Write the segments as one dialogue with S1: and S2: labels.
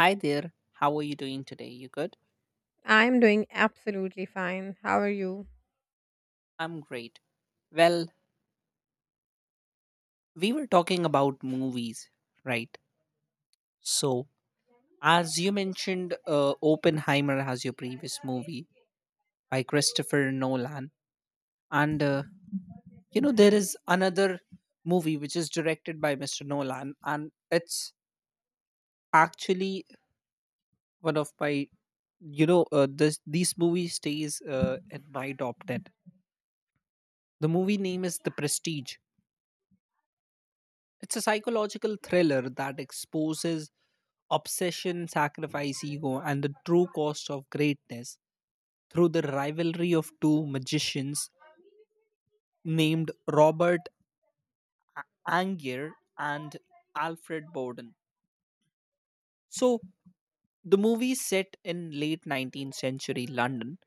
S1: Hi there. How are you doing today? You good?
S2: I'm doing absolutely fine. How are you?
S1: I'm great. Well, we were talking about movies, right? So, as you mentioned, Oppenheimer as your previous movie by Christopher Nolan, and there is another movie which is directed by Mr. Nolan, and it's actually one of my this these movies stays in my top ten. The movie name is The Prestige. It's a psychological thriller that exposes obsession, sacrifice, ego, and the true cost of greatness through the rivalry of two magicians named Robert Angier and Alfred Bowden. So, the movie is set in late 19th century London,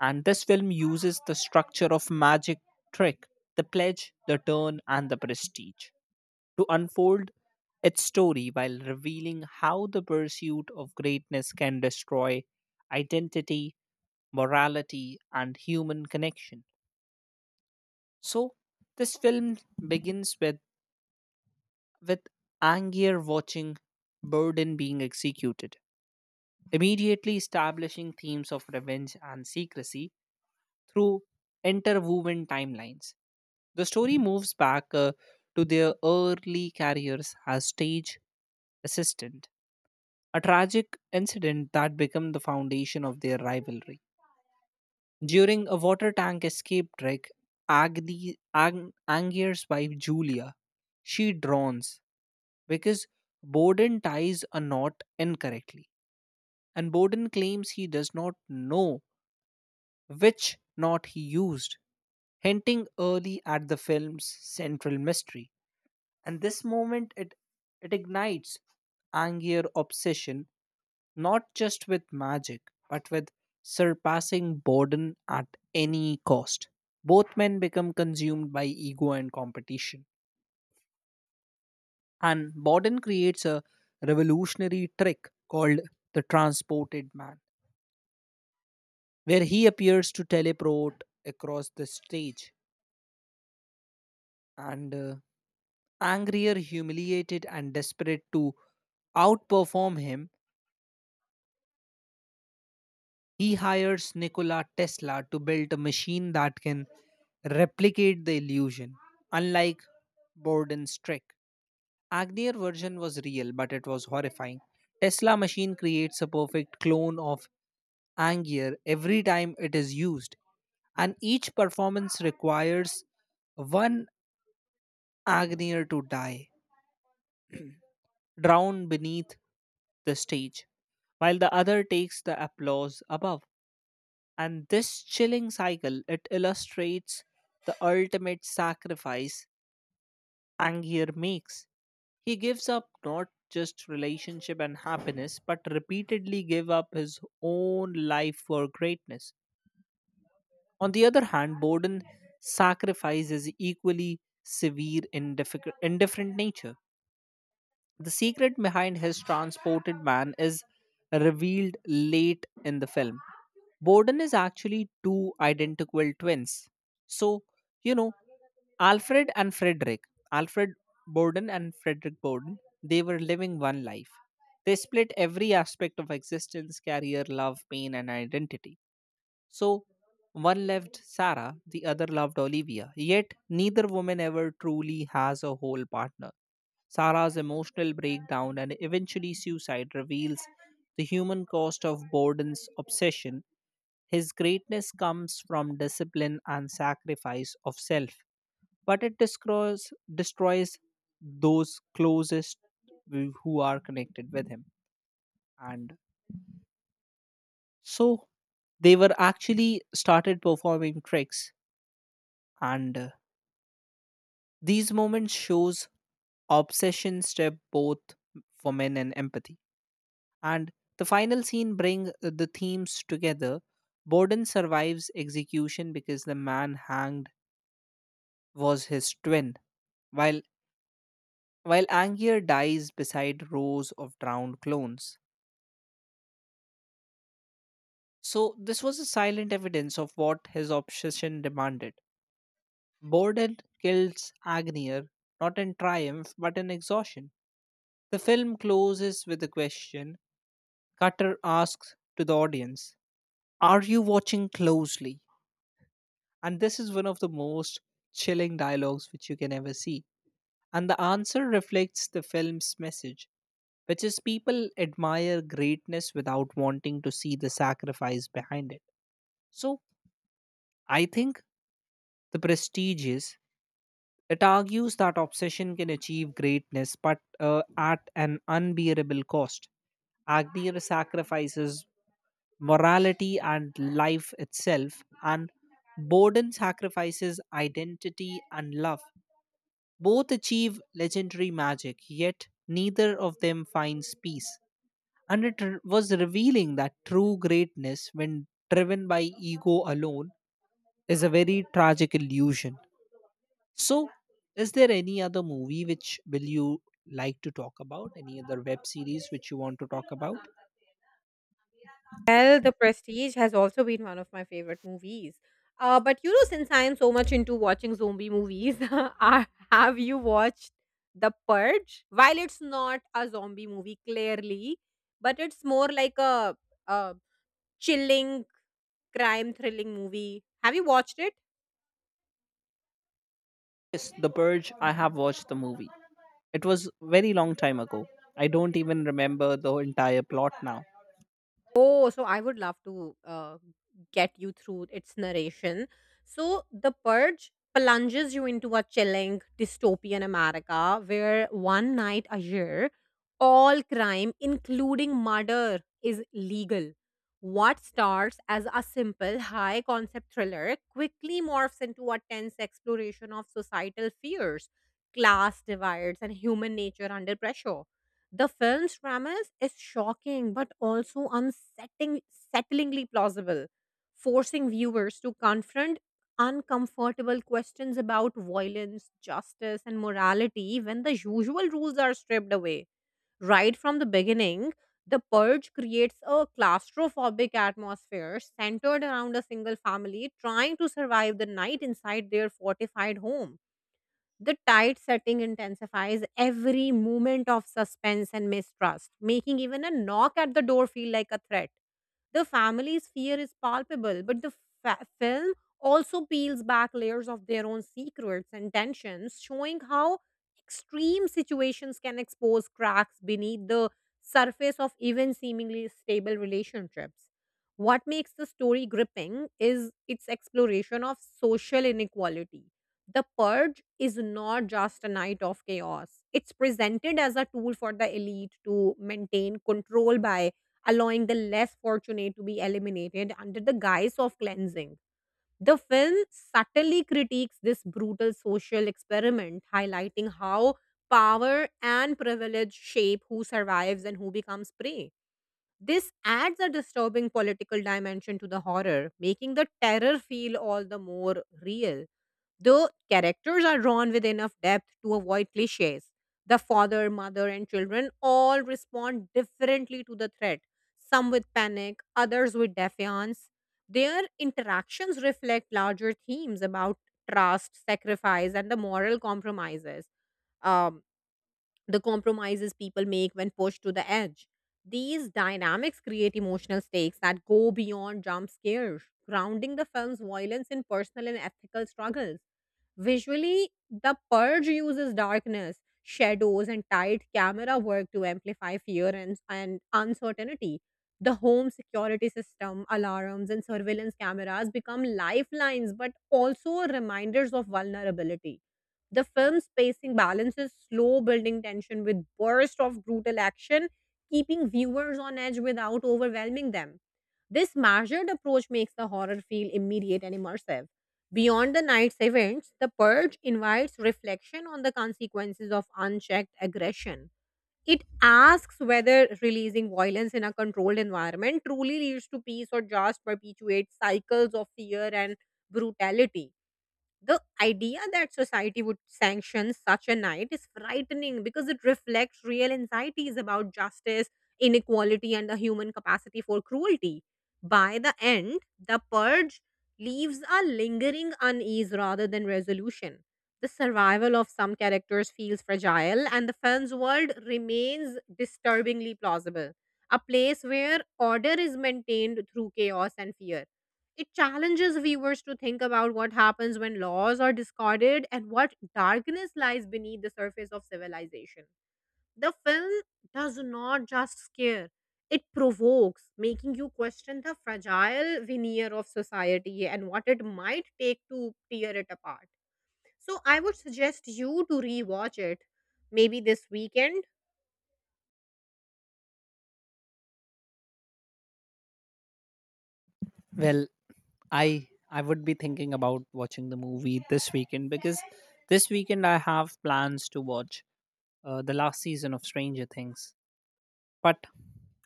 S1: and this film uses the structure of magic trick, the pledge, the turn, and the prestige, to unfold its story while revealing how the pursuit of greatness can destroy identity, morality, and human connection. So, this film begins with Angier watching Burden being executed, immediately establishing themes of revenge and secrecy through interwoven timelines. The story moves back to their early careers as stage assistant, a tragic incident that became the foundation of their rivalry. During a water tank escape trick, Angier's wife Julia, she drowns because Borden ties a knot incorrectly, and Borden claims he does not know which knot he used, hinting early at the film's central mystery. And this moment, it ignites Angier obsession, not just with magic, but with surpassing boredom at any cost. Both men become consumed by ego and competition. And Borden creates a revolutionary trick called the transported man, where he appears to teleport across the stage, and angrier, humiliated, and desperate to outperform him. He hires Nikola Tesla to build a machine that can replicate the illusion, unlike Borden's trick. Agnier version was real, but it was horrifying. Tesla machine creates a perfect clone of Angier every time it is used, and each performance requires one Agnier to die, drown beneath the stage, while the other takes the applause above. And this chilling cycle it illustrates the ultimate sacrifice Angier makes. He gives up not just relationship and happiness, but repeatedly give up his own life for greatness. On the other hand, Borden sacrifice is equally severe in difficult, indifferent nature. The secret behind his transported man is revealed late in the film. Borden is actually two identical twins. So, you know, Alfred and Frederick, Alfred Borden and Frederick Borden, they were living one life. They split every aspect of existence, career, love, pain, and identity. So one loved Sarah, the other loved Olivia. Yet neither woman ever truly has a whole partner. Sarah's emotional breakdown and eventually suicide reveals the human cost of Borden's obsession. His greatness comes from discipline and sacrifice of self, but it destroys those closest who are connected with him. And so they were actually started performing tricks, and these moments shows obsession step both for men and empathy, and the final scene bring the themes together. Borden survives execution because the man hanged was his twin, while Angier dies beside rows of drowned clones, so this was a silent evidence of what his obsession demanded. Borden kills Agnier not in triumph but in exhaustion. The film closes with a question Cutter asks to the audience, "Are you watching closely?" And this is one of the most chilling dialogues which you can ever see. And the answer reflects the film's message, which is people admire greatness without wanting to see the sacrifice behind it. So I think the prestige is, it argues that obsession can achieve greatness, but at an unbearable cost. Agneer sacrifices morality and life itself, and Borden sacrifices identity and love. Both achieve legendary magic, yet neither of them finds peace. And was revealing that true greatness, when driven by ego alone, is a very tragic illusion. So, is there any other movie which will you like to talk about? Any other web series which you want to talk about?
S2: Well, The Prestige has also been one of my favorite movies. But you know, since I am so much into watching zombie movies, have you watched The Purge? While it's not a zombie movie, clearly, but it's more like a chilling crime thrilling movie. Have you watched it?
S1: Yes, The Purge. I have watched the movie. It was very long time ago. I don't even remember the entire plot now.
S2: Oh, so I would love to get you through its narration. So, The Purge plunges you into a chilling dystopian America where one night a year, all crime, including murder, is legal. What starts as a simple, high concept thriller quickly morphs into a tense exploration of societal fears, class divides, and human nature under pressure. The film's premise is shocking but also unsettling, settlingly plausible, forcing viewers to confront uncomfortable questions about violence, justice, and morality when the usual rules are stripped away. Right from the beginning, The Purge creates a claustrophobic atmosphere centered around a single family trying to survive the night inside their fortified home. The tight setting intensifies every moment of suspense and mistrust, making even a knock at the door feel like a threat. The family's fear is palpable, but the film also peels back layers of their own secrets and tensions, showing how extreme situations can expose cracks beneath the surface of even seemingly stable relationships. What makes the story gripping is its exploration of social inequality. The Purge is not just a night of chaos. It's presented as a tool for the elite to maintain control by allowing the less fortunate to be eliminated under the guise of cleansing. The film subtly critiques this brutal social experiment, highlighting how power and privilege shape who survives and who becomes prey. This adds a disturbing political dimension to the horror, making the terror feel all the more real. The characters are drawn with enough depth to avoid cliches. The father, mother, and children all respond differently to the threat, some with panic, others with defiance. Their interactions reflect larger themes about trust, sacrifice, and the moral compromises. Um, the compromises people make when pushed to the edge. These dynamics create emotional stakes that go beyond jump scares, grounding the film's violence in personal and ethical struggles. Visually, The Purge uses darkness, shadows, and tight camera work to amplify fear and uncertainty. The home security system, alarms, and surveillance cameras become lifelines but also reminders of vulnerability. The film's pacing balances slow building tension with bursts of brutal action, keeping viewers on edge without overwhelming them. This measured approach makes the horror feel immediate and immersive. Beyond the night's events, the purge invites reflection on the consequences of unchecked aggression. It asks whether releasing violence in a controlled environment truly leads to peace or just perpetuates cycles of fear and brutality. The idea that society would sanction such a night is frightening because it reflects real anxieties about justice, inequality, and the human capacity for cruelty. By the end, the purge leaves a lingering unease rather than resolution. The survival of some characters feels fragile, and the film's world remains disturbingly plausible, a place where order is maintained through chaos and fear. It challenges viewers to think about what happens when laws are discarded and what darkness lies beneath the surface of civilization. The film does not just scare, it provokes, making you question the fragile veneer of society and what it might take to tear it apart. So, I would suggest you to rewatch it maybe this weekend.
S1: Well, I would be thinking about watching the movie this weekend because this weekend I have plans to watch the last season of Stranger Things. But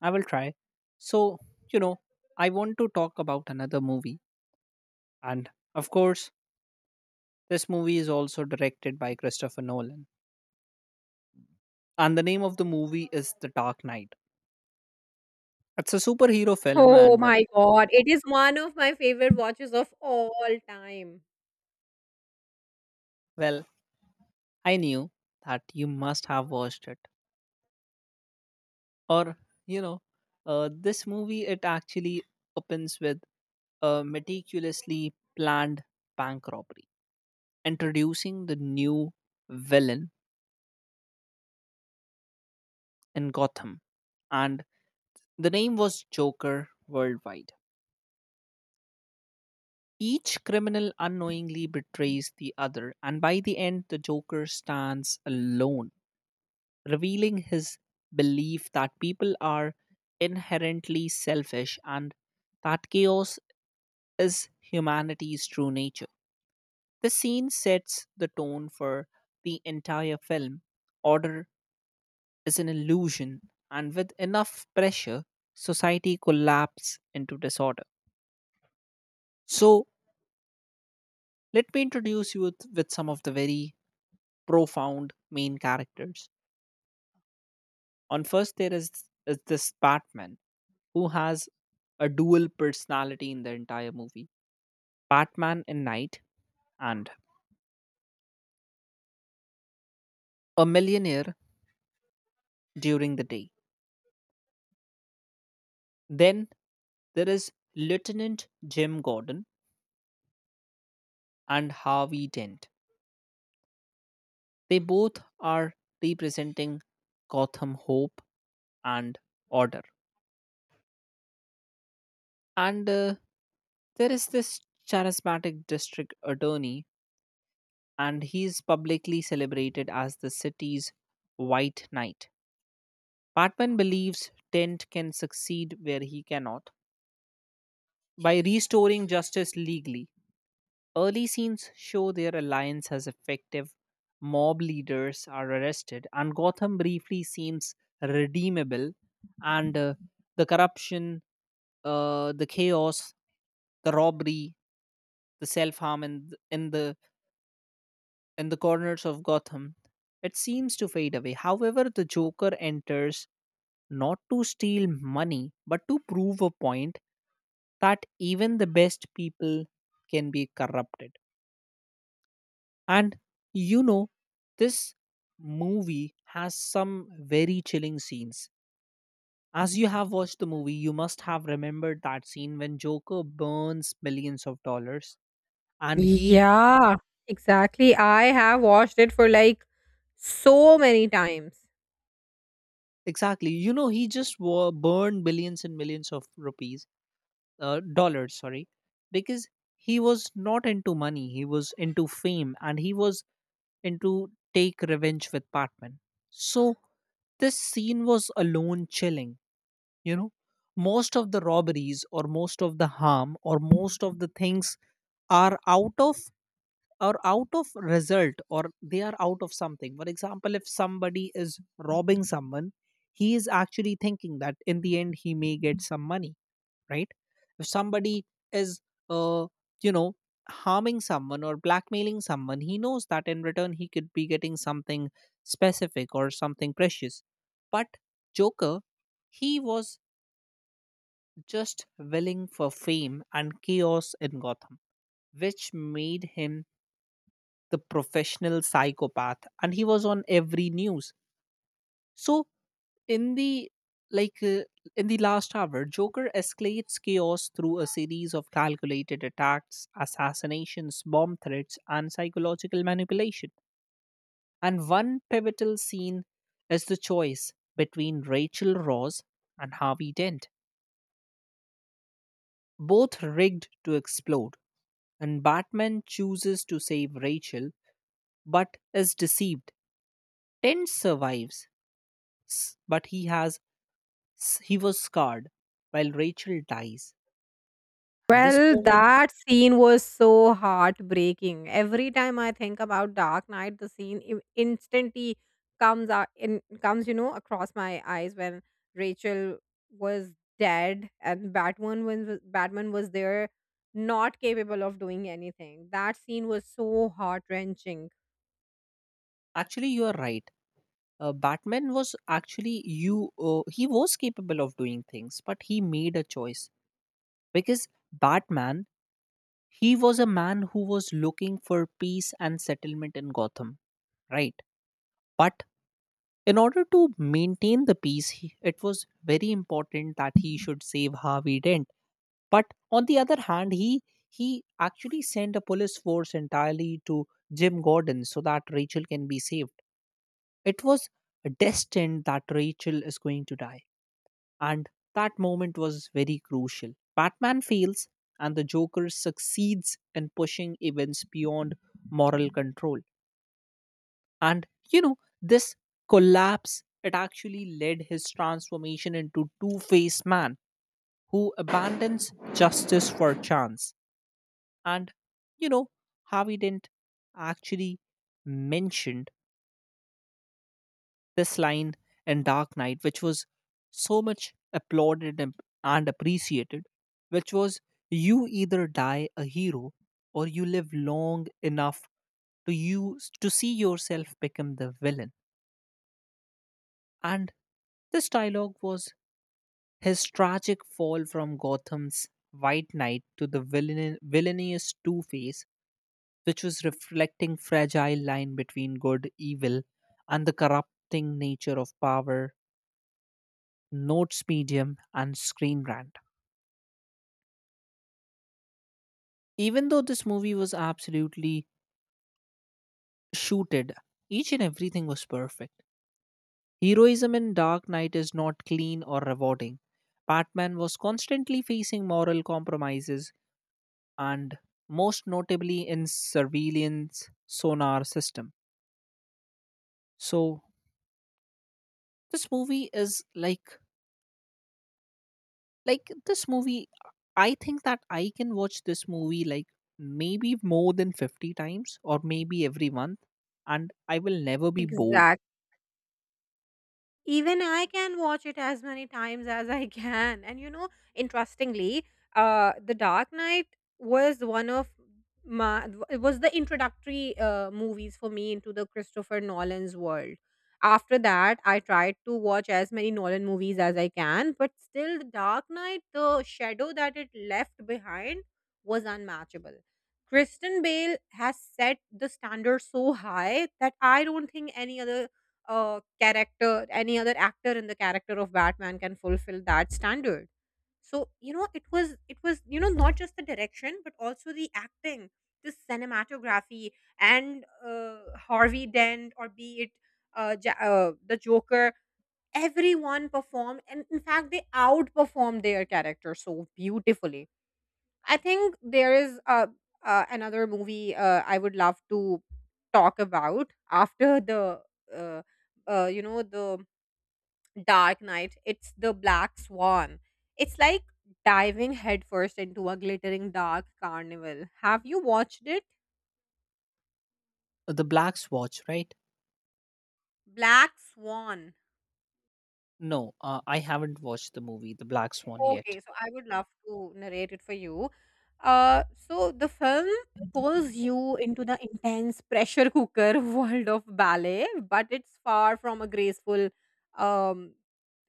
S1: I will try. So, you know, I want to talk about another movie. And of course, this movie is also directed by Christopher Nolan. And the name of the movie is The Dark Knight. It's a superhero film,
S2: Oh
S1: and
S2: my god, it is one of my favorite watches of all time.
S1: well, I knew that you must have watched it. Or, you know, this movie, it actually opens with a meticulously planned bank robbery, introducing the new villain in Gotham. And the name was Joker worldwide. Each criminal unknowingly betrays the other, and by the end, the Joker stands alone, revealing his belief that people are inherently selfish and that chaos is humanity's true nature. The scene sets the tone for the entire film. Order is an illusion, and with enough pressure, society collapses into disorder. So, let me introduce you with some of the very profound main characters. On first, there is this Batman who has a dual personality in the entire movie. Batman in night, and a millionaire during the day. Then there is Lieutenant Jim Gordon and Harvey Dent. They both are representing Gotham hope and order. And there is this charismatic district attorney, and he is publicly celebrated as the city's White Knight. Batman believes Dent can succeed where he cannot by restoring justice legally. Early scenes show their alliance as effective. Mob leaders are arrested, and Gotham briefly seems redeemable. And uh, the corruption, the chaos, the robbery, the self harm in the corners of Gotham, it seems to fade away. However, the Joker enters not to steal money, but to prove a point that even the best people can be corrupted. And you know, this movie has some very chilling scenes. As you have watched the movie, you must have remembered that scene when Joker burns billions of dollars. And he,
S2: Yeah, exactly. I have watched it for like so many times.
S1: exactly, you know, he just burned billions and millions of rupees, dollars, sorry, because he was not into money, he was into fame, and he was into take revenge with Batman. So, this scene was alone chilling. You know, most of the robberies or most of the harm or most of the things are out of, are out of result, or they are out of something. For example, if somebody is robbing someone, he is actually thinking that in the end he may get some money, right? If somebody is, uh you know, harming someone or blackmailing someone, he knows that in return he could be getting something specific or something precious. But Joker, he was just willing for fame and chaos in Gotham, which made him the professional psychopath. And he was on every news. So in the like uh, in the last hour, Joker escalates chaos through a series of calculated attacks, assassinations, bomb threats, and psychological manipulation. And one pivotal scene is the choice between Rachel Ross and Harvey Dent, both rigged to explode. And Batman chooses to save Rachel but is deceived. Tent survives, but he has, he was scarred, while Rachel dies. And this
S2: Well,
S1: moment,
S2: that scene was so heartbreaking. Every time I think about Dark Knight, the scene instantly comes out in comes, you know, across my eyes when Rachel was dead and Batman was there, not capable of doing anything. That scene was so heart wrenching.
S1: actually, you are right. Batman was actually you. He was capable of doing things, but he made a choice because Batman, he was a man who was looking for peace and settlement in Gotham, right? But in order to maintain the peace, it was very important that he should save Harvey Dent. But on the other hand, he actually sent a police force entirely to Jim Gordon so that Rachel can be saved. It was destined that Rachel is going to die, and that moment was very crucial. Batman fails, and the Joker succeeds in pushing events beyond moral control. And you know, this collapse it actually led his transformation into two-faced man who abandons justice for chance. And you know, Harvey didn't actually mentioned this line in Dark Knight, which was so much applauded and appreciated, which was, you either die a hero or you live long enough to you to see yourself become the villain. And this dialogue was his tragic fall from Gotham's White Knight to the villainous Two Face, which was reflecting fragile line between good, evil, and the corrupting nature of power, notes medium, and screen rant. Even though this movie was absolutely shooted, each and everything was perfect. Heroism in Dark Knight is not clean or rewarding. Batman was constantly facing moral compromises, and most notably in surveillance sonar system. So this movie is this movie, I think that I can watch this movie like maybe more than 50 times or maybe every month, and I will never be bored.
S2: Exactly. Even I can watch it as many times as I can. And you know, interestingly, The Dark Knight was one of my it was the introductory movies for me into the Christopher Nolan's world. After that, I tried to watch as many Nolan movies as I can, but still, The Dark Knight, the shadow that it left behind was unmatchable. Kristen Bale has set the standard so high that I don't think any other character, any other actor in the character of Batman can fulfill that standard. So you know, it was you know not just the direction but also the acting, the cinematography, and Harvey Dent or be it the Joker. Everyone performed, and in fact, they outperformed their character so beautifully. I think there is another movie I would love to talk about after the uh, you know the Dark Knight. It's the Black Swan. It's like diving headfirst into a glittering dark carnival. Have you watched it?
S1: The Black Swatch, right?
S2: Black Swan.
S1: No, I haven't watched the movie The Black Swan yet.
S2: Okay, so I would love to narrate it for you. So the film pulls you into the intense pressure cooker world of ballet, but it's far from a graceful um,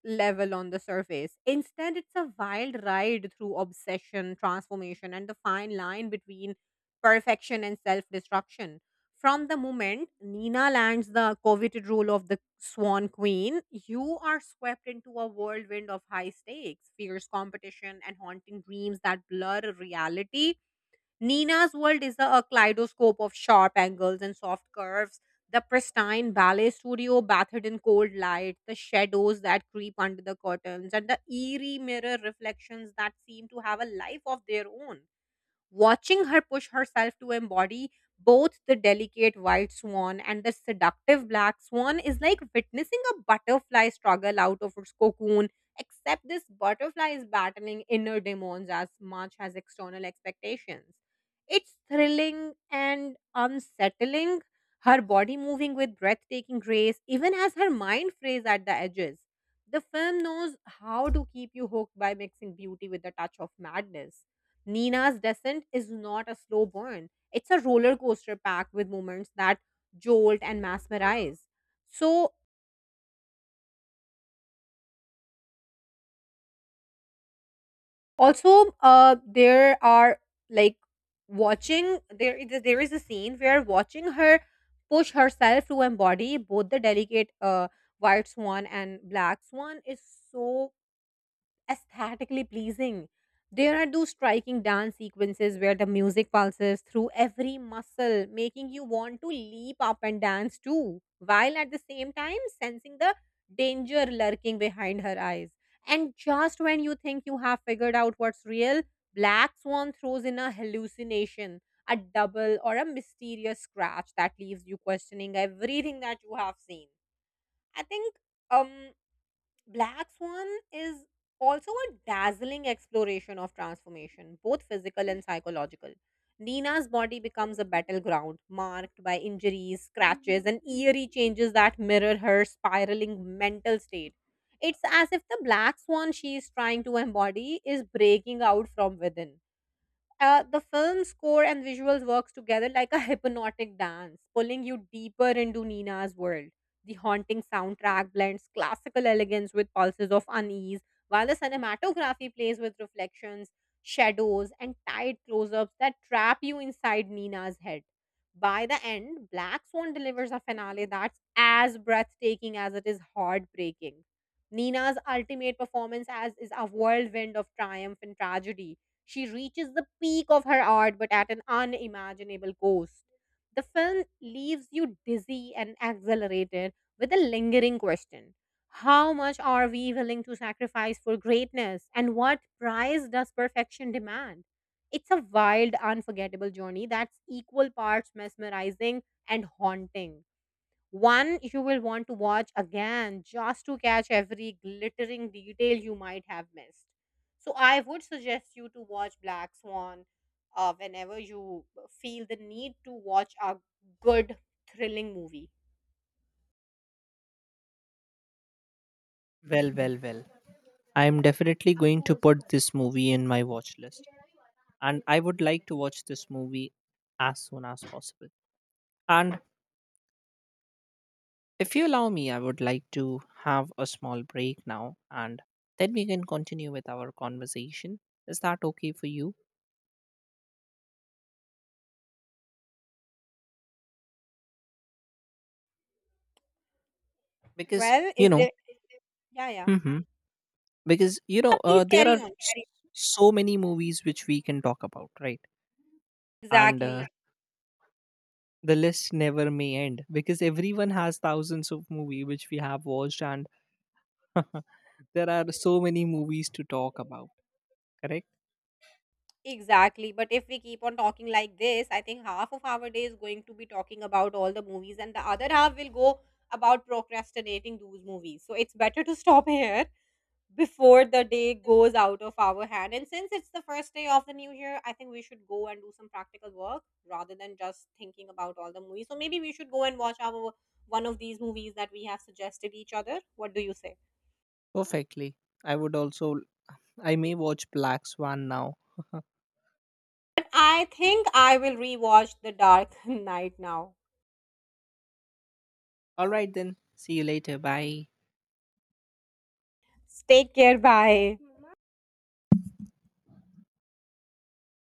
S2: level on the surface. Instead, it's a wild ride through obsession, transformation, and the fine line between perfection and self destruction. From the moment Nina lands the coveted role of the Swan Queen, you are swept into a whirlwind of high stakes, fierce competition, and haunting dreams that blur reality. Nina's world is a kaleidoscope of sharp angles and soft curves, the pristine ballet studio bathed in cold light, the shadows that creep under the curtains, and the eerie mirror reflections that seem to have a life of their own. Watching her push herself to embody both the delicate white swan and the seductive black swan is like witnessing a butterfly struggle out of its cocoon, except this butterfly is battling inner demons as much as external expectations. It's thrilling and unsettling, her body moving with breathtaking grace, even as her mind frays at the edges. The film knows how to keep you hooked by mixing beauty with a touch of madness. Nina's descent is not a slow burn. It's a roller coaster packed with moments that jolt and mesmerize. So also there are like watching there is a scene where watching her push herself to embody both the delicate white swan and black swan is so aesthetically pleasing. There are those striking dance sequences where the music pulses through every muscle, making you want to leap up and dance too, while at the same time sensing the danger lurking behind her eyes. And just when you think you have figured out what's real, Black Swan throws in a hallucination, a double, or a mysterious scratch that leaves you questioning everything that you have seen. I think um Black Swan is also a dazzling exploration of transformation, both physical and psychological. Nina's body becomes a battleground, marked by injuries, scratches, and eerie changes that mirror her spiraling mental state. It's as if the black swan she is trying to embody is breaking out from within. The film score and visuals works together like a hypnotic dance, pulling you deeper into Nina's world. The haunting soundtrack blends classical elegance with pulses of unease, while the cinematography plays with reflections, shadows, and tight close-ups that trap you inside Nina's head. By the end, Black Swan delivers a finale that's as breathtaking as it is heartbreaking. Nina's ultimate performance as is a whirlwind of triumph and tragedy. She reaches the peak of her art, but at an unimaginable cost. The film leaves you dizzy and exhilarated with a lingering question. How much are we willing to sacrifice for greatness, and what price does perfection demand? It's a wild, unforgettable journey that's equal parts mesmerizing and haunting. One you will want to watch again just to catch every glittering detail you might have missed. So, I would suggest you to watch Black Swan whenever you feel the need to watch a good, thrilling movie.
S1: Well, well, well. I am definitely going to put this movie in my watch list, and I would like to watch this movie as soon as possible. And if you allow me, I would like to have a small break now, and then we can continue with our conversation. Is that okay for you? Because,
S2: Well,
S1: you
S2: is
S1: know,
S2: there. Yeah, yeah.
S1: hmm because, you know,
S2: Please
S1: there are
S2: carry on. Carry
S1: so many movies which we can talk about, right?
S2: on.
S1: And
S2: Exactly.
S1: the list never may end because everyone has thousands of movies which we have watched and there are so many movies to talk about, correct?
S2: Exactly. But if we keep on talking like this, I think half of our day is going to be talking about all the movies, and the other half will go about procrastinating those movies. So, it's better to stop here before the day goes out of our hand. And since it's the first day of the new year, I think we should go and do some practical work rather than just thinking about all the movies. So maybe we should go and watch our one of these movies that we have suggested each other. What do you say?
S1: Perfectly. I would also I may watch Black Swan now.
S2: But I think I will rewatch The Dark Knight now.
S1: All right then. See you later. Bye.
S2: Take care. Bye.